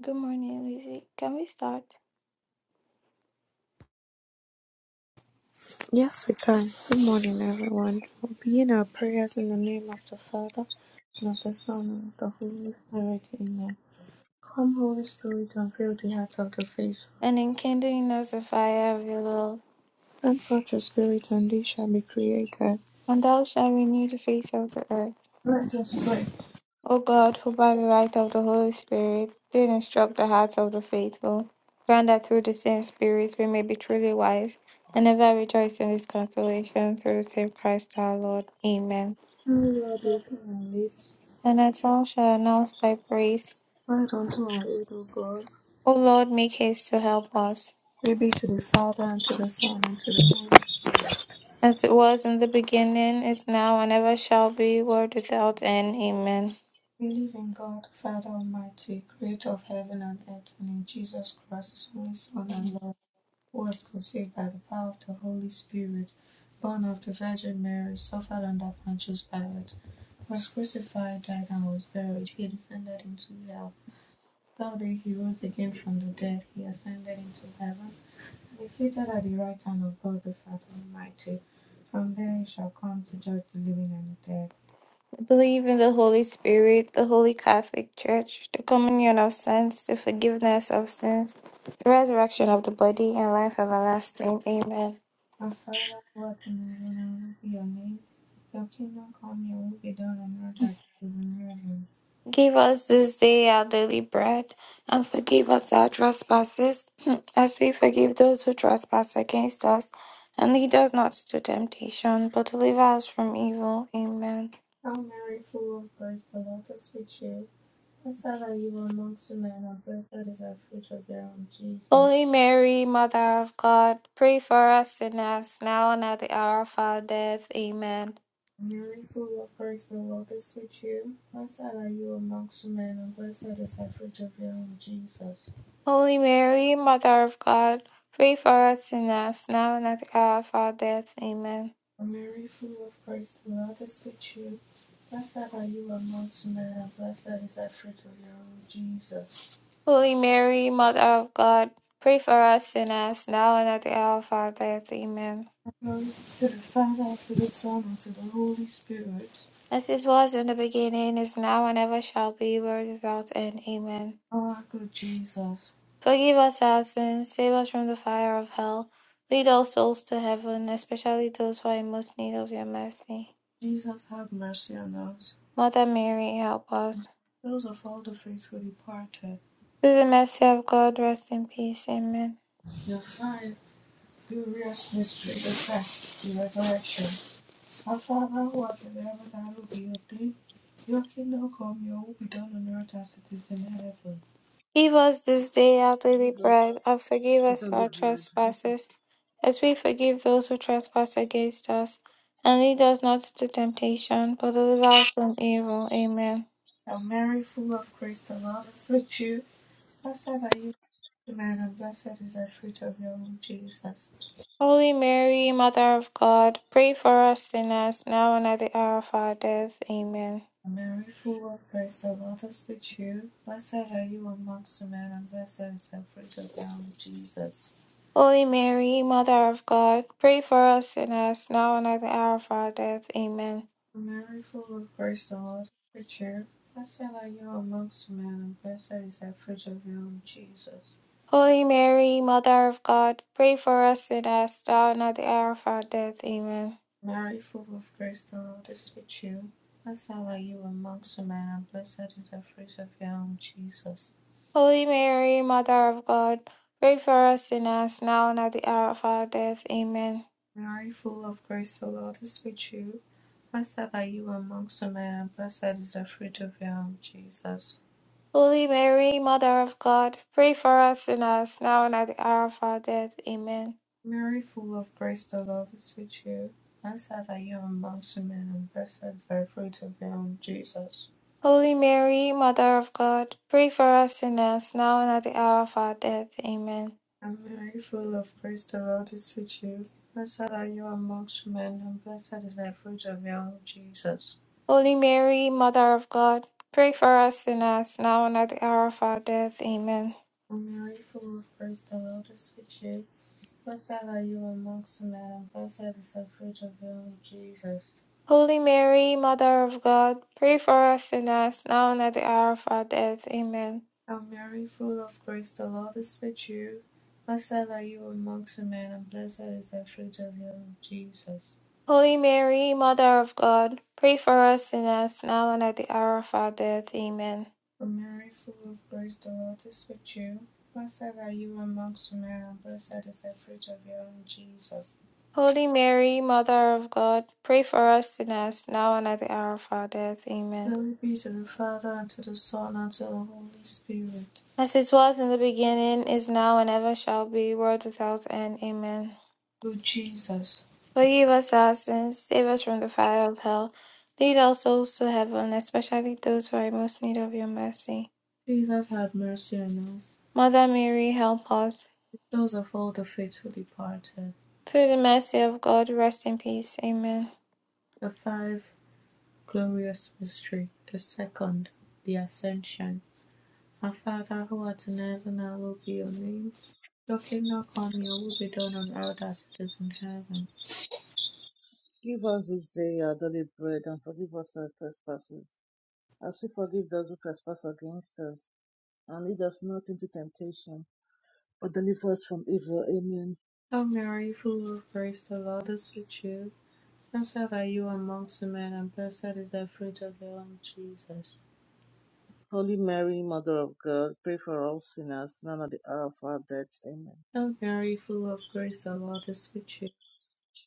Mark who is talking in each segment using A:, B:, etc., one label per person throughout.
A: Good morning, Lizzie. Can we start?
B: Yes, we can. Good morning, everyone. We'll begin our prayers in the name of the Father, and of the Son, and of the Holy Spirit. Amen. Come, Holy Spirit, and fill the hearts of the faithful.
A: And enkindling us the fire of your love,
B: Send forth your Spirit, and they shall be created.
A: and thou shalt renew the face of the earth.
B: Let us pray.
A: O God, who by the light of the Holy Spirit did instruct the hearts of the faithful, grant that through the same Spirit we may be truly wise, and ever rejoice in this consolation through the same Christ our Lord. Amen.
B: Holy Lord, open our lips.
A: And that all shall announce thy praise.
B: Grant unto our aid, O God.
A: O Lord, make haste to help us.
B: Glory be to the Father, and to the Son, and to the Holy Spirit.
A: As it was in the beginning, is now, and ever shall be, world without end. Amen.
B: Believe in God, Father Almighty, creator of heaven and earth, and in Jesus Christ, his only Son and Lord was conceived by the power of the Holy Spirit, born of the Virgin Mary, suffered under Pontius Pilate, was crucified, died, and was buried. He descended into hell. The Third day he rose again from the dead. He ascended into heaven and is seated at the right hand of God the Father Almighty. From there he shall come to judge the living and the dead.
A: I believe in the Holy Spirit, the Holy Catholic Church, the communion of saints, the forgiveness of sins, the resurrection of the body, and life everlasting. Amen.
B: Our Father, who art in heaven, hallowed be your name. Your kingdom come, your will be done on earth as it is in heaven.
A: Give us this day our daily bread, and forgive us our trespasses, as we forgive those who trespass against us. And lead us not into temptation, but deliver us from evil. Amen.
B: Hail Mary, full of grace, the Lord is with you. Blessed are you were amongst men, and blessed is the fruit of your womb, Jesus.
A: Holy Mary, Mother of God, pray for us sinners, now and at the hour of our death. Amen.
B: Mary, full of grace, the Lord is with you. Blessed are you amongst men, and blessed is the fruit of your womb, Jesus.
A: Holy Mary, Mother of God, pray for us sinners, now and at the hour of our death. Amen.
B: Mary, full of grace, the Lord is with you. Blessed are you amongst men, and blessed is the fruit of your womb, Jesus.
A: Holy Mary, Mother of God, pray for us sinners, now and at the hour of our death. Amen.
B: Glory to the Father, to the Son, and to the Holy Spirit.
A: As it was in the beginning, is now, and ever shall be, world without end. Amen.
B: O Our good Jesus,
A: Forgive us our sins, save us from the fire of hell. Lead all souls to heaven, especially those who are in most need of your mercy.
B: Jesus, have mercy on us.
A: Mother Mary, help us.
B: Those of all the faithful departed,
A: Through the mercy of God, rest in peace. Amen.
B: your fire Glorious mystery, the first, the resurrection. Our Father who art in heaven, hallowed be your name. Your kingdom come, your will be done on earth as it is in heaven.
A: Give us this day our daily
C: Give us
A: bread, and forgive
C: our
A: us
C: daily
A: our
C: bread.
A: trespasses, as we forgive those who trespass against us. And lead us not into temptation, but deliver us from evil. Amen.
B: Hail Mary, full of grace, the Lord is with you. Blessed are you among men, and blessed is the fruit of your womb, Jesus.
A: Holy Mary, Mother of God, pray for us sinners, now and at the hour of our death. Amen.
B: Hail Mary, full of grace, the Lord is with you. Blessed are you amongst men, and blessed is the fruit of your womb, Jesus.
A: Holy Mary, Mother of God, pray for us sinners, now and at the hour of our death. Amen.
B: A Mary full of grace, the Lord is with you. Blessed are you amongst men, and blessed is the fruit of your womb, Jesus.
A: Holy Mary, Mother of God, pray for us sinners, now and at the hour of our death. Amen.
B: Mary full of grace, the Lord is with you. Blessed are you amongst women, and blessed is the fruit of your womb, Jesus.
A: Holy Mary, Mother of God, pray for us sinners now and at the hour of our death. Amen.
B: Mary full of grace, the Lord is with you. Blessed are you amongst women, and blessed is the fruit of your womb, Jesus.
A: Holy Mary, Mother of God, pray for us sinners now and at the hour of our death. Amen.
B: Mary full of grace, the Lord is with you. Blessed are you amongst women, and blessed is the fruit of your womb, Jesus.
A: Holy Mary, Mother of God, pray for us sinners now and at the hour of our death. Amen.
B: I'm very full of praise. The Lord is with you. Blessed are you amongst men, and blessed is the fruit of your womb, Jesus.
A: Holy Mary, Mother of God, pray for us sinners now and at the hour of our death. Amen.
B: I'm very full of praise. The Lord is with you. Blessed are you amongst men, and blessed is the fruit of your womb, Jesus.
A: Holy Mary, Mother of God, pray for us sinners now and at the hour of our death. Amen.
B: i Mary full of grace. The Lord is with you. Blessed are you amongst men, and blessed is the fruit of your womb, Jesus.
A: Holy Mary, Mother of God, pray for us sinners now and at the hour of our death. Amen.
B: i Mary full of grace. The Lord is with you. Blessed are you amongst men, and blessed is the fruit of your womb, Jesus.
A: Holy Mary, Mother of God, pray for us sinners now and at the hour of our death. Amen.
B: Glory be to the Father, and to the Son, and to the Holy Spirit.
A: As it was in the beginning, is now, and ever shall be, world without end. Amen.
B: O Jesus,
A: Forgive us our sins, save us from the fire of hell. Lead our souls to heaven, especially those who are in most need of your mercy.
B: Jesus, have mercy on us,
A: Mother Mary, help us.
B: the souls of all the faithful departed.
A: Through the mercy of God, rest in peace. Amen.
B: The five glorious mystery. The second, the Ascension. Our Father, who art in heaven, hallowed be your name. Your kingdom come, your will be done on earth as it is in heaven.
C: Give us this day our daily bread, and forgive us our trespasses, as we forgive those who trespass against us. And lead us not into temptation, but deliver us from evil. Amen.
B: Hail Mary, full of grace, the Lord is with you. Blessed are you amongst the men, and blessed is the fruit of your womb, Jesus.
C: Holy Mary, Mother of God, pray for all sinners, now and at the hour of our death. Amen.
B: O Mary, full of grace, the Lord is with you.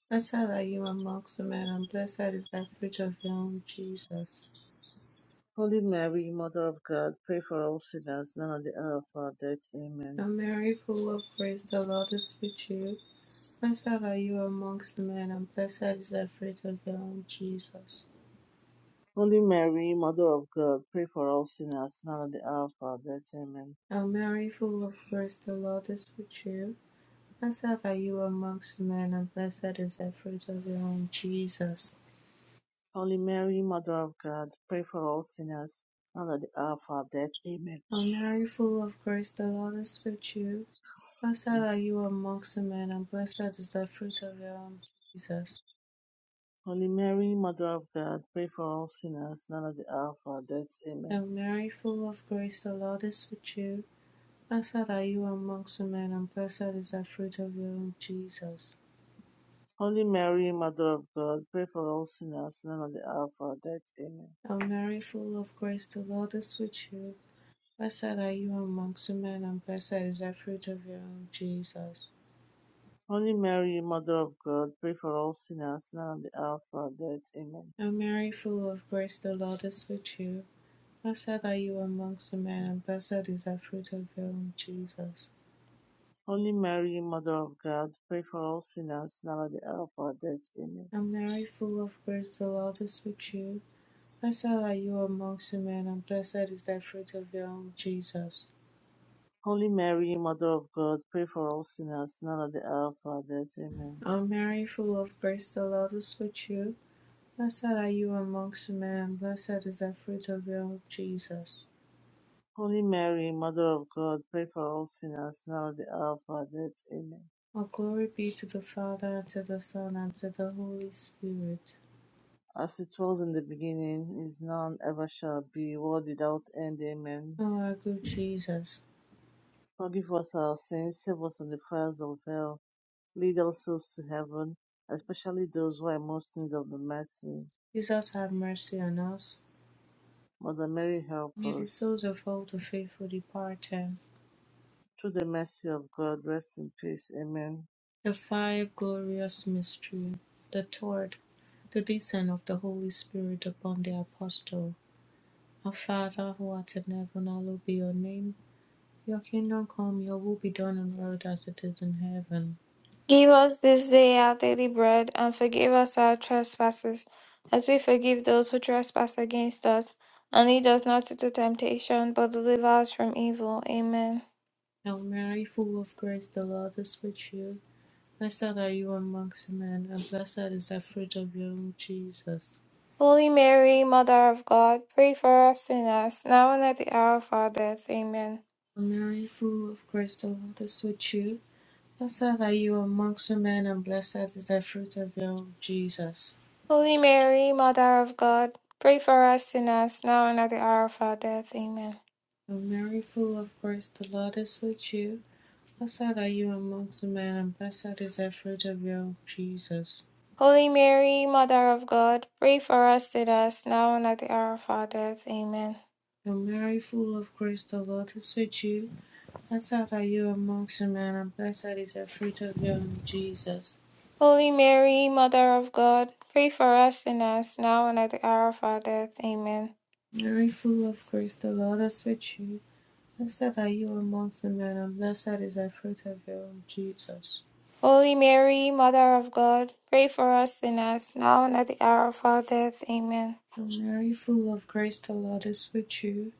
B: Blessed are you amongst women, and blessed is the fruit of your womb, Jesus.
C: Holy Mary, Mother of God, pray for all sinners, now and at the hour of our death.
B: O
C: Amen.
B: Mary, full of grace, the Lord is with you. Blessed are you amongst women, and blessed is the fruit of your womb, Jesus.
C: Holy Mary, Mother of God, pray for all sinners, now and at the hour of our death. Amen.
B: O Mary, full of grace, the Lord is with you. Blessed are you amongst women, and blessed is the fruit of your womb, Jesus.
C: Holy Mary, Mother of God, pray for all sinners, now and at the hour of our death. Amen.
B: O Mary, full of grace, the Lord is with you. Blessed
C: Mm.
B: are you amongst the men, and blessed is the fruit of your womb, Jesus.
C: Holy Mary, Mother of God, pray for all sinners, now and at the hour of our death. Amen.
B: Hail Mary, full of grace, the Lord is with you. Blessed are you amongst the men, and blessed is the fruit of your womb, Jesus.
C: Holy Mary, Mother of God, pray for all sinners, now and at the hour of our death. Amen.
B: Hail Mary, full of grace, the Lord is with you. Blessed are you amongst the men, and blessed is the fruit of your womb, Jesus.
C: Holy Mary, Mother of God, pray for all sinners, now and at the hour of our death. Amen.
B: Hail Mary, full of grace, the Lord is with you. Blessed are you amongst the men, and blessed is the fruit of your womb, Jesus.
C: Holy Mary, Mother of God, pray for all sinners, now and at the hour of our death. Amen.
B: And Mary, full of grace, the Lord is with you. Blessed are you amongst women, and blessed is the fruit of your womb, Jesus.
C: Holy Mary, Mother of God, pray for all sinners, now and at the hour of our death. Amen.
B: O Mary, full of grace, the Lord is with you. Blessed are you amongst women, and blessed is the fruit of your womb, Jesus.
C: Holy Mary, Mother of God, pray for all sinners, now at the hour of our death. Amen.
B: All glory be to the Father, and to the Son, and to the Holy Spirit.
C: As it was in the beginning, is now, and ever shall be, world without end. Amen.
B: O our good Jesus,
C: Forgive us our sins, save us from the fires of hell, lead all souls to heaven, especially those who are most in need of the mercy.
B: Jesus have mercy on us.
C: Mother Mary, help
B: May the
C: us.
B: souls of all the faithful departed,
C: Through the mercy of God, rest in peace. Amen.
B: the five glorious mystery, the torch. the descent of the Holy Spirit upon the apostle. Our Father who art in heaven, hallowed be your name. Your kingdom come, your will be done on earth as it is in heaven.
A: Give us this day our daily bread, and forgive us our trespasses, as we forgive those who trespass against us. And lead us not into temptation, but deliver us from evil. Amen.
B: Hail Mary, full of grace, the Lord is with you. Blessed are you amongst men, and blessed is the fruit of your womb, Jesus.
A: Holy Mary, Mother of God, pray for us sinners, now and at the hour of our death. Amen.
B: Hail Mary, full of grace, the Lord is with you. Blessed are you amongst men, and blessed is the fruit of your womb, Jesus.
A: Holy Mary, Mother of God, pray for us sinners, now and at the hour of our death. Amen.
B: Hail Mary, full of grace, the Lord is with you. Blessed are you amongst men, and blessed is the fruit of your womb, Jesus.
A: Holy Mary, Mother of God, pray for us sinners, now and at the hour of our death. Amen.
B: Hail Mary, full of grace, the Lord is with you. Blessed are you amongst men, and blessed is the fruit of your womb, Jesus.
A: Holy Mary, Mother of God, pray for us sinners, now and at the hour of our death. Amen.
B: Mary, full of grace, the Lord is with you. Blessed are you amongst men, and blessed is the fruit of your womb, Jesus.
A: Holy Mary, Mother of God, pray for us sinners, now and at the hour of our death. Amen.
B: Hail Mary, full of grace, the Lord is with you.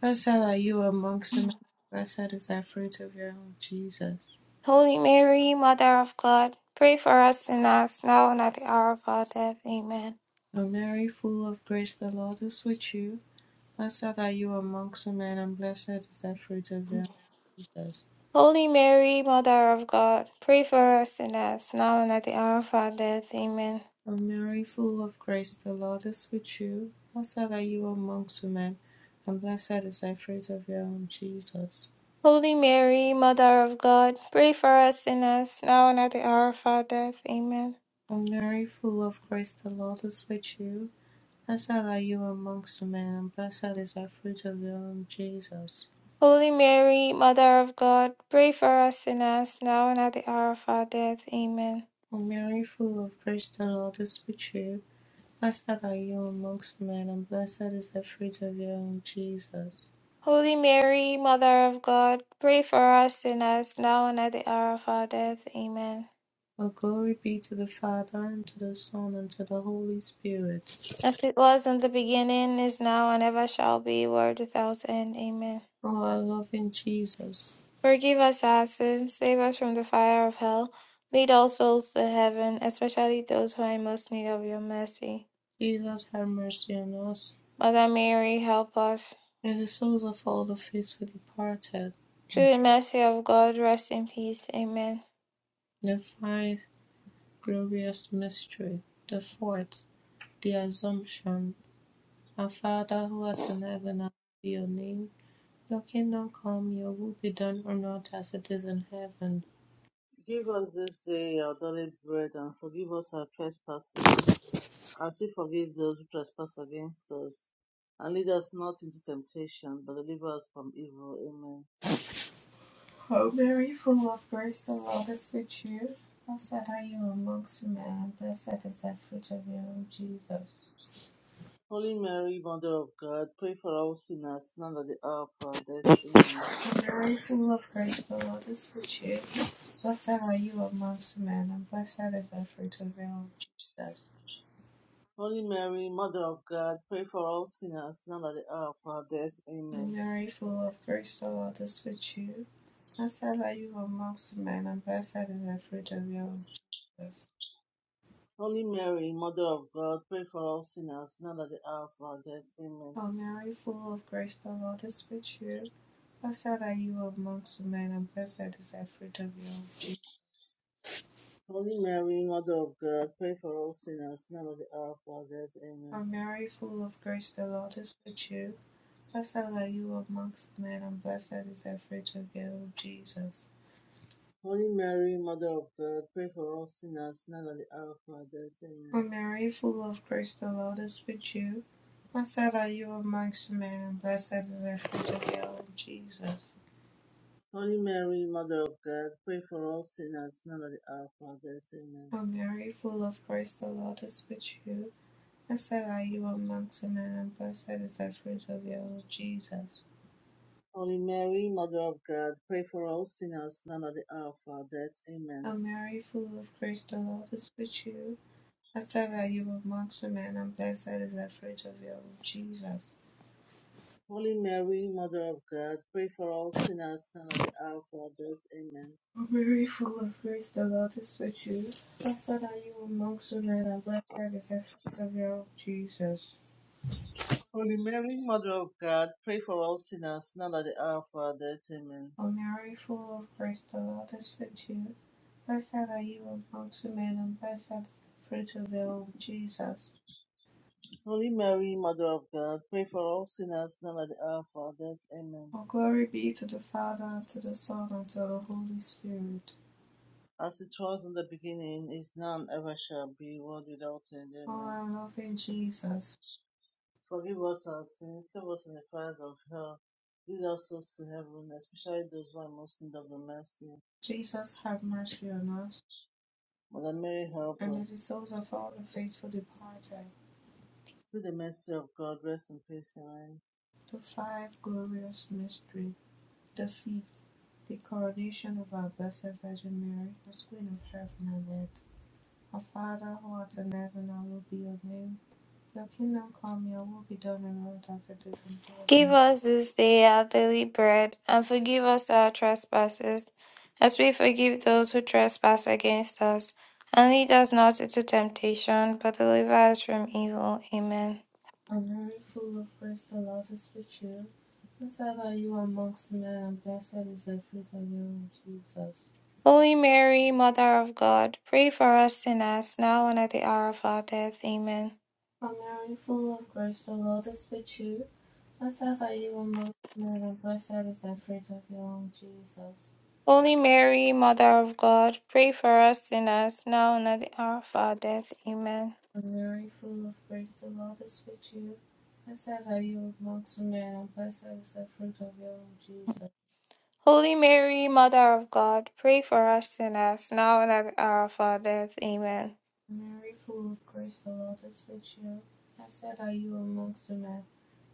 B: Blessed are you amongst men, and blessed is the fruit of your womb, Jesus.
A: Holy Mary, Mother of God, pray for us sinners, now and at the hour of our death. Amen.
B: O Mary, full of grace, the Lord is with you. Blessed are you amongst men, and blessed is the fruit of your womb, Jesus.
A: Holy Mary, Mother of God, pray for us sinners, now and at the hour of our death. Amen.
B: O Mary, full of grace, the Lord is with you. Blessed are you amongst women, and blessed is the fruit of your womb, Jesus.
A: Holy Mary, Mother of God, pray for us sinners, now and at the hour of our death. Amen.
B: O Mary, full of grace, the Lord is with you. Blessed are you amongst women, and blessed is the fruit of your womb, Jesus.
A: Holy Mary, Mother of God, pray for us sinners, now and at the hour of our death. Amen.
B: O Mary, full of grace, the Lord is with you. Blessed are you amongst men, and blessed is the fruit of your womb, Jesus.
A: Holy Mary, Mother of God, pray for us sinners, now and at the hour of our death. Amen.
B: All glory be to the Father, and to the Son, and to the Holy Spirit.
A: As it was in the beginning, is now, and ever shall be, world without end. Amen.
B: O our loving Jesus,
A: Forgive us our sins, save us from the fire of hell, lead all souls to heaven, especially those who are in most need of your mercy.
B: Jesus, have mercy on us.
A: Mother Mary, help us.
B: May the souls of all the faithful departed,
A: Through the mercy of God, rest in peace. Amen.
B: the fifth glorious mystery, the fourth, the Assumption. Our Father who art in heaven, hallowed be your name. Your kingdom come, your will be done on earth as it is in heaven.
C: Give us this day our daily bread, and forgive us our trespasses As we forgive those who trespass against us, and lead us not into temptation, but deliver us from evil. Amen.
B: O Mary, full of grace, the Lord is with you. Blessed are you amongst men, blessed is the fruit of your womb, Jesus.
C: Holy Mary, Mother of God, pray for all sinners, now and at the hour of our death. Amen.
B: O Mary, full of grace, the Lord is with you. Blessed are you amongst men, and blessed is the fruit of your womb, Jesus.
C: Holy Mary, Mother of God, pray for all sinners, now and at the hour of our death.
B: O
C: Amen.
B: Mary, full of grace, the Lord is with you. Blessed are you amongst men, and blessed is the fruit of your womb, Jesus.
C: Holy Mary, Mother of God, pray for all sinners, now and at the hour of our death. Amen.
B: O Mary, full of grace, the Lord is with you. Blessed are you amongst men, and blessed is the fruit of your womb.
C: Holy Mary, Mother of God, pray for all sinners, now and at the hour of our death. Amen.
B: O Mary, full of grace, the Lord is with you. Blessed are you amongst men, and blessed is the fruit of your womb, Jesus.
C: Holy Mary, Mother of God, pray for us sinners, now at the hour of our death.
B: O
C: Amen.
B: Mary, full of grace, the Lord is with you. Blessed are you amongst men, and blessed is the fruit of your womb, Jesus.
C: Holy Mary, Mother of God, pray for us sinners, now at the hour of our death. Amen.
B: O Mary, full of grace, the Lord is with you. Blessed are you amongst men, and blessed is the fruit of your womb, Jesus.
C: Holy Mary, Mother of God, pray for us sinners, now at the hour of our death.
B: O
C: Amen.
B: Mary, full of grace, the Lord is with you. I said that you were amongst women, and blessed is the fruit of your womb, Jesus.
C: Holy Mary, Mother of God, pray for us sinners, now at the hour of our death. Amen.
B: O Mary, full of grace, the Lord is with you. Blessed are you amongst women, and blessed is the fruit of your womb, Jesus.
C: Holy Mary, Mother of God, pray for us sinners, now at the hour of our death. Amen.
B: O Mary, full of grace, the Lord is with you. Blessed are you amongst women, and blessed is the fruit of your womb, Jesus.
C: Holy Mary, Mother of God, pray for us sinners, now at the hour of our death. Amen.
B: O glory be to the Father, and to the Son, and to the Holy Spirit.
C: as it was in the beginning, is now, and ever shall be, world without end.
B: O
C: Amen.
B: our loving Jesus,
C: Forgive us our sins, save us from the fires of hell, lead our souls to heaven, especially those who are most in need of the mercy.
B: Jesus, have mercy on us.
C: Mother Mary, help
B: And may
C: us.
B: the souls of all the faithful departed,
C: Through the mercy of God, rest in peace. Amen.
B: the five glorious mystery, the fifth, the coronation of our Blessed Virgin Mary, as Queen of Heaven and Earth. Our Father, who art in heaven, hallowed be your name. Your kingdom come, your will be done on earth as it is in
A: Give
B: heaven.
A: us this day our daily bread, and forgive us our trespasses, as we forgive those who trespass against us. And lead us not into temptation, but deliver us from evil. Amen.
B: O Mary, full of grace, the Lord is with you. Blessed are you amongst men, and blessed is the fruit of your womb, Jesus.
A: Holy Mary, Mother of God, pray for us sinners, now and at the hour of our death. Amen.
B: O Mary, full of grace, the Lord is with you. That sounds like you were most mortal. Blessed is the fruit of your womb, Jesus.
A: Holy Mary, Mother of God, pray for us sinners, now and at the hour of our death. Amen.
B: Mary, full of grace, the Lord is with you. Blessed are you amongst men, and blessed is the fruit of your womb, Jesus.
A: Holy Mary, Mother of God, pray for us sinners, now and at the hour of our death. Amen.
B: Mary, full of grace, the Lord is with you. Blessed are you amongst men,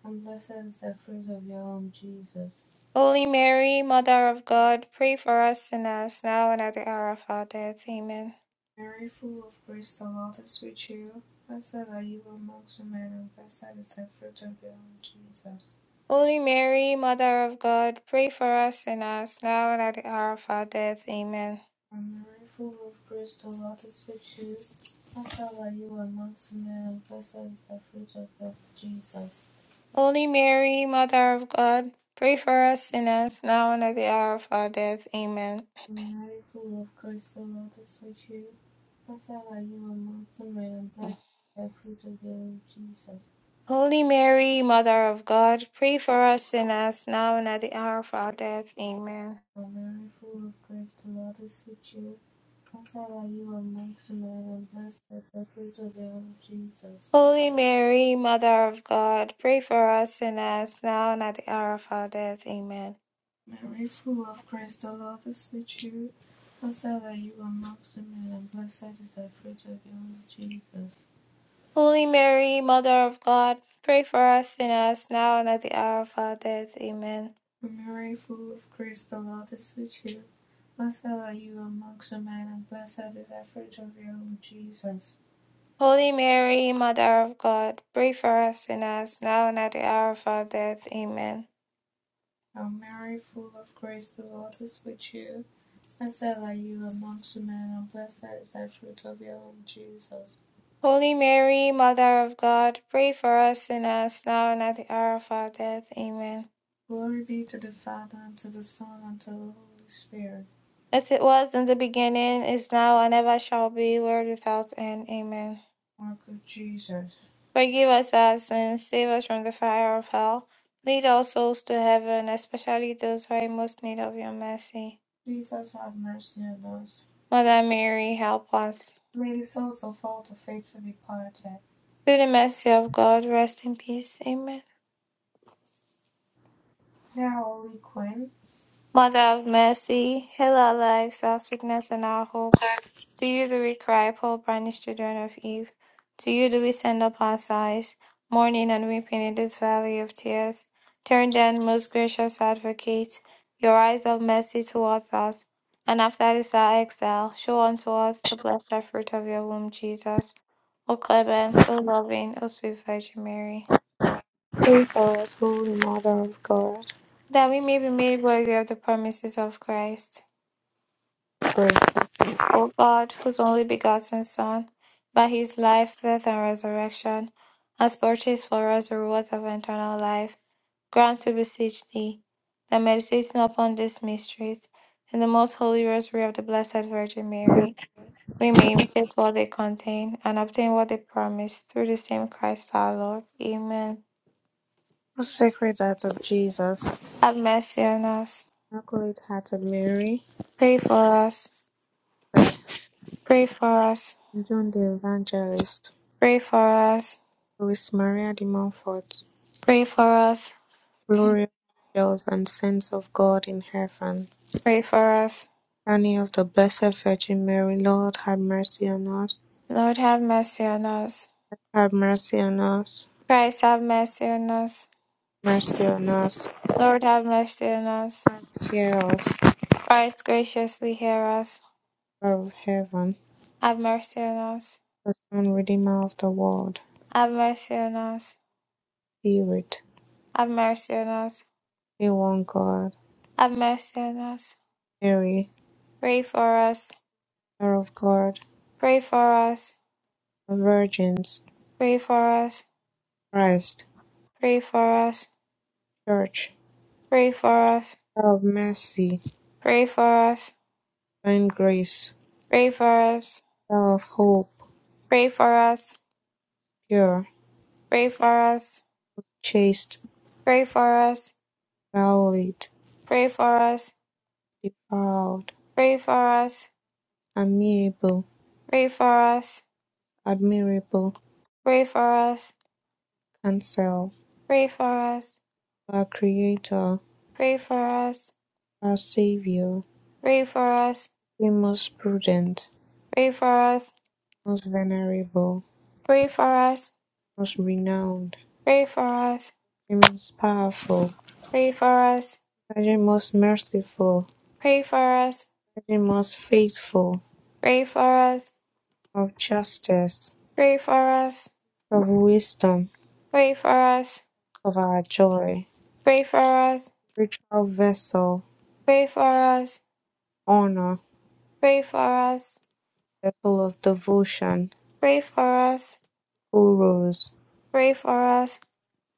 B: and blessed is the fruit of your womb, Jesus.
A: Holy Mary, Mother of God, pray for us sinners, now and at the hour of our death. Amen.
B: Mary, full of grace, the Lord is with you. Blessed are you amongst men, and blessed is the fruit of your womb, Jesus.
A: Holy Mary, Mother of God, pray for us sinners, now and at the hour of our death. Amen.
B: From the rifle of Bristol unto Switchoo, Blessed are you amongst men, and blessed is the fruit of the Jesus.
A: Holy Mary, Mother of God, pray for us sinners, now and at the hour of our death. Amen.
B: From the rifle of Bristol unto Switchoo, Blessed are you amongst men, and blessed is the fruit of your womb, Jesus.
A: Holy Mary, Mother of God, pray for us sinners, now and at the hour of our death. Amen.
B: From the rifle of Bristol unto Switchoo, Blessed are you amongst men, and blessed is the fruit of the Jesus.
A: Holy Mary, Mother of God, pray for us sinners, now and at the hour of our death. Amen.
B: Mary, full of grace, the Lord is with you. Blessed are you amongst women, and blessed is the fruit of your womb, Jesus.
A: Holy Mary, Mother of God, pray for us sinners now and at the hour of our death. Amen.
B: Mary, full of grace, the Lord is with you. Blessed are you amongst women, and blessed is the fruit of your womb, Jesus.
A: Holy Mary, Mother of God, pray for us sinners now and at the hour of our death. Amen.
B: Hail Mary, full of grace, the Lord is with you. Blessed are you amongst women, and blessed is the fruit of your womb, Jesus.
A: Holy Mary, Mother of God, pray for us sinners now and at the hour of our death. Amen.
B: Glory be to the Father, and to the Son, and to the Holy Spirit.
A: As it was in the beginning, is now, and ever shall be, world without end. Amen.
B: Mark of Jesus.
A: Forgive us our sins, save us from the fire of hell. Lead all souls to heaven, especially those who are in most need of your mercy.
B: Jesus have mercy on us.
A: Mother Mary, help us.
B: May the souls of all the faithful departed,
A: Through the mercy of God, rest in peace. Amen.
B: hear our Holy Queen,
A: Mother of mercy, heal our lives, our sweetness, and our hope. To you do we cry, poor banished children of Eve. To you do we send up our sighs, mourning and weeping in this valley of tears. Turn then, most gracious advocate, your eyes of mercy towards us, and after this our exile, show unto us the blessed fruit of your womb, Jesus. O clement, O loving, O sweet Virgin Mary,
B: pray for us, Holy Mother of God,
A: that we may be made worthy of the promises of Christ.
B: pray.
A: O God, whose only begotten Son, by his life, death, and resurrection, has purchased for us the rewards of eternal life, grant, we beseech thee, that meditating upon these mysteries, in the most holy rosary of the Blessed Virgin Mary, we may imitate what they contain and obtain what they promise through the same Christ our Lord. Amen.
B: O Sacred Heart of Jesus,
A: Have mercy on us.
B: Immaculate Heart of Mary,
A: Pray for us. Pray for us.
B: John the Evangelist,
A: Pray for us.
B: Louis Maria de Montfort,
A: Pray for us.
B: glorious angels and saints of God in heaven,
A: Pray for us.
B: Annie of the Blessed Virgin Mary, Lord, have mercy on us,
A: Lord have mercy on us.
B: have mercy on us,
A: Christ have mercy on us.
B: mercy on us,
A: Lord have mercy on us.
B: and hear us.
A: Christ graciously hear us.
B: Father of heaven,
A: Have mercy on us.
B: the Son, Redeemer of the world,
A: Have mercy on us.
B: Spirit,
A: Have mercy on us.
B: the one God,
A: Have mercy on us.
B: Mary,
A: Pray for us.
B: Mother of God,
A: Pray for us.
B: the Virgins,
A: Pray for us.
B: Christ,
A: Pray for us.
B: Church,
A: Pray for us.
B: Mother of mercy,
A: Pray for us.
B: divine grace,
A: Pray for us.
B: Mother of hope,
A: Pray for us.
B: pure,
A: Pray for us.
B: chaste,
A: Pray for us.
B: violate,
A: Pray for us.
B: defiled,
A: Pray for us.
B: amiable,
A: Pray for us.
B: admirable,
A: Pray for us,
B: counsel,
A: pray for us,
B: our Creator,
A: pray for us,
B: our Savior,
A: pray for us,
B: the most prudent,
A: pray for us,
B: most venerable,
A: pray for us,
B: most renowned,
A: pray for us,
B: the most powerful,
A: pray for us,
B: Virgin most merciful,
A: pray for us,
B: Virgin most faithful,
A: pray for us,
B: of justice,
A: pray for us,
B: of wisdom,
A: pray for us,
B: of our joy,
A: pray for us,
B: spiritual vessel,
A: pray for us, pray for us,
B: honor,
A: pray for us,
B: vessel of devotion,
A: pray for us, pray for us,
B: gurus,
A: pray for us,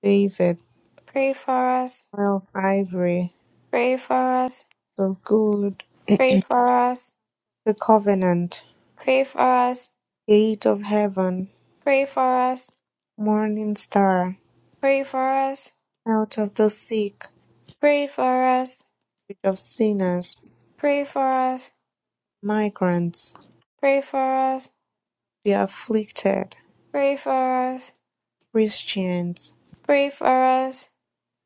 B: David,
A: pray for us,
B: oil of ivory,
A: pray for us,
B: the good,
A: pray for us,
B: the covenant, gate of heaven,
A: pray
B: morning star,
A: for us,
B: out of the sick,
A: pray for us,
B: bridge of sinners,
A: Pray for us,
B: migrants,
A: pray for us,
B: the afflicted,
A: pray for us,
B: Christians,
A: pray for us,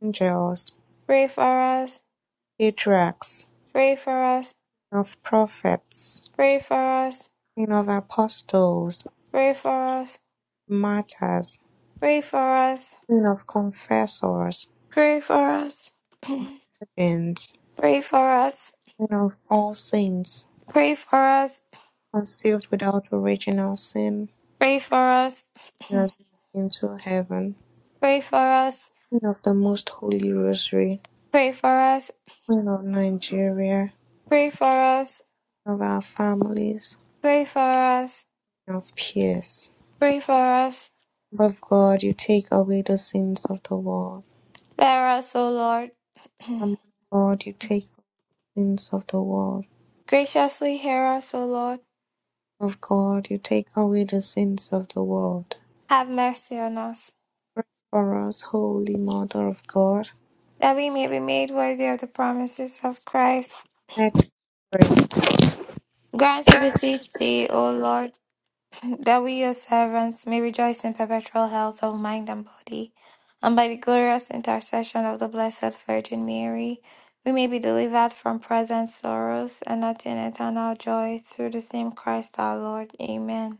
B: angels,
A: pray for us,
B: patriarchs,
A: pray for us,
B: Queen of Prophets,
A: pray for us,
B: Queen of Apostles,
A: pray for us,
B: Martyrs,
A: pray for us,
B: Queen of Confessors,
A: pray for us,
B: Virgins,
A: pray for us,
B: Queen of all saints,
A: pray for us,
B: conceived without original sin,
A: pray for us,
B: Queen into heaven,
A: pray for us,
B: Queen of the Most Holy Rosary,
A: pray for us, pray for us,
B: Queen of Nigeria,
A: pray for us,
B: Queen of our families,
A: pray
B: Queen of peace.
A: for us,
B: Lamb of God, you take away the sins of the world.
A: spare us, O Lord.
B: Lamb of God, you take away the sins of the world.
A: Graciously hear us, O Lord.
B: Of God, you take away the sins of the world.
A: Have mercy on us.
B: Pray for us, Holy Mother of God.
A: that we may be made worthy of the promises of Christ.
B: Let us pray.
A: Grant, to beseech thee, O Lord, that we, your servants, may rejoice in perpetual health of mind and body, and by the glorious intercession of the Blessed Virgin Mary, we may be delivered from present sorrows and attain eternal joy through the same Christ our Lord. Amen.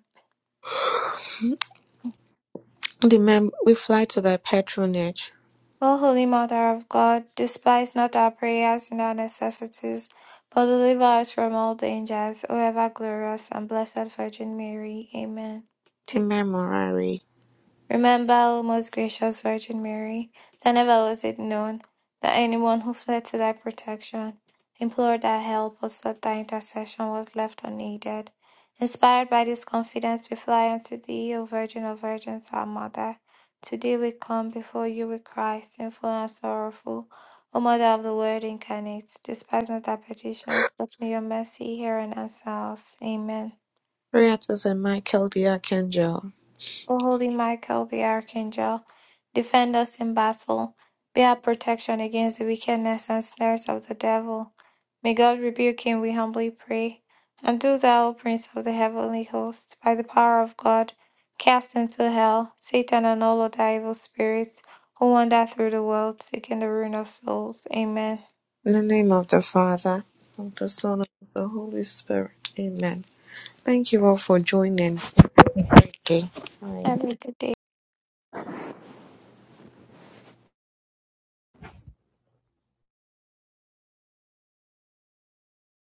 B: The mem- we fly to thy patronage.
A: O Holy Mother of God, despise not our prayers and our necessities, but deliver us from all dangers, O ever glorious and blessed Virgin Mary. Amen.
B: The memorary.
A: Remember, O most gracious Virgin Mary, that never was it known that anyone who fled to thy protection, implored thy help, or sought thy intercession was left unaided. Inspired by this confidence, we fly unto thee, O Virgin of Virgins, our Mother. Today we come before you with Christ, sinful and sorrowful. O Mother of the Word incarnate, despise not our petitions, but in your mercy hear and answer us. Amen.
B: Prayer to Saint Michael the Archangel.
A: O holy Michael the archangel, defend us in battle. Be our protection against the wickedness and snares of the devil. May God rebuke him, we humbly pray. And do thou, O Prince of the heavenly host, by the power of God, cast into hell Satan and all other evil spirits who wander through the world seeking the ruin of souls. Amen.
B: In the name of the Father, of the Son, and of the Holy Spirit. Amen. Thank you all for joining. Have a Great day. Bye.
A: Have a good day.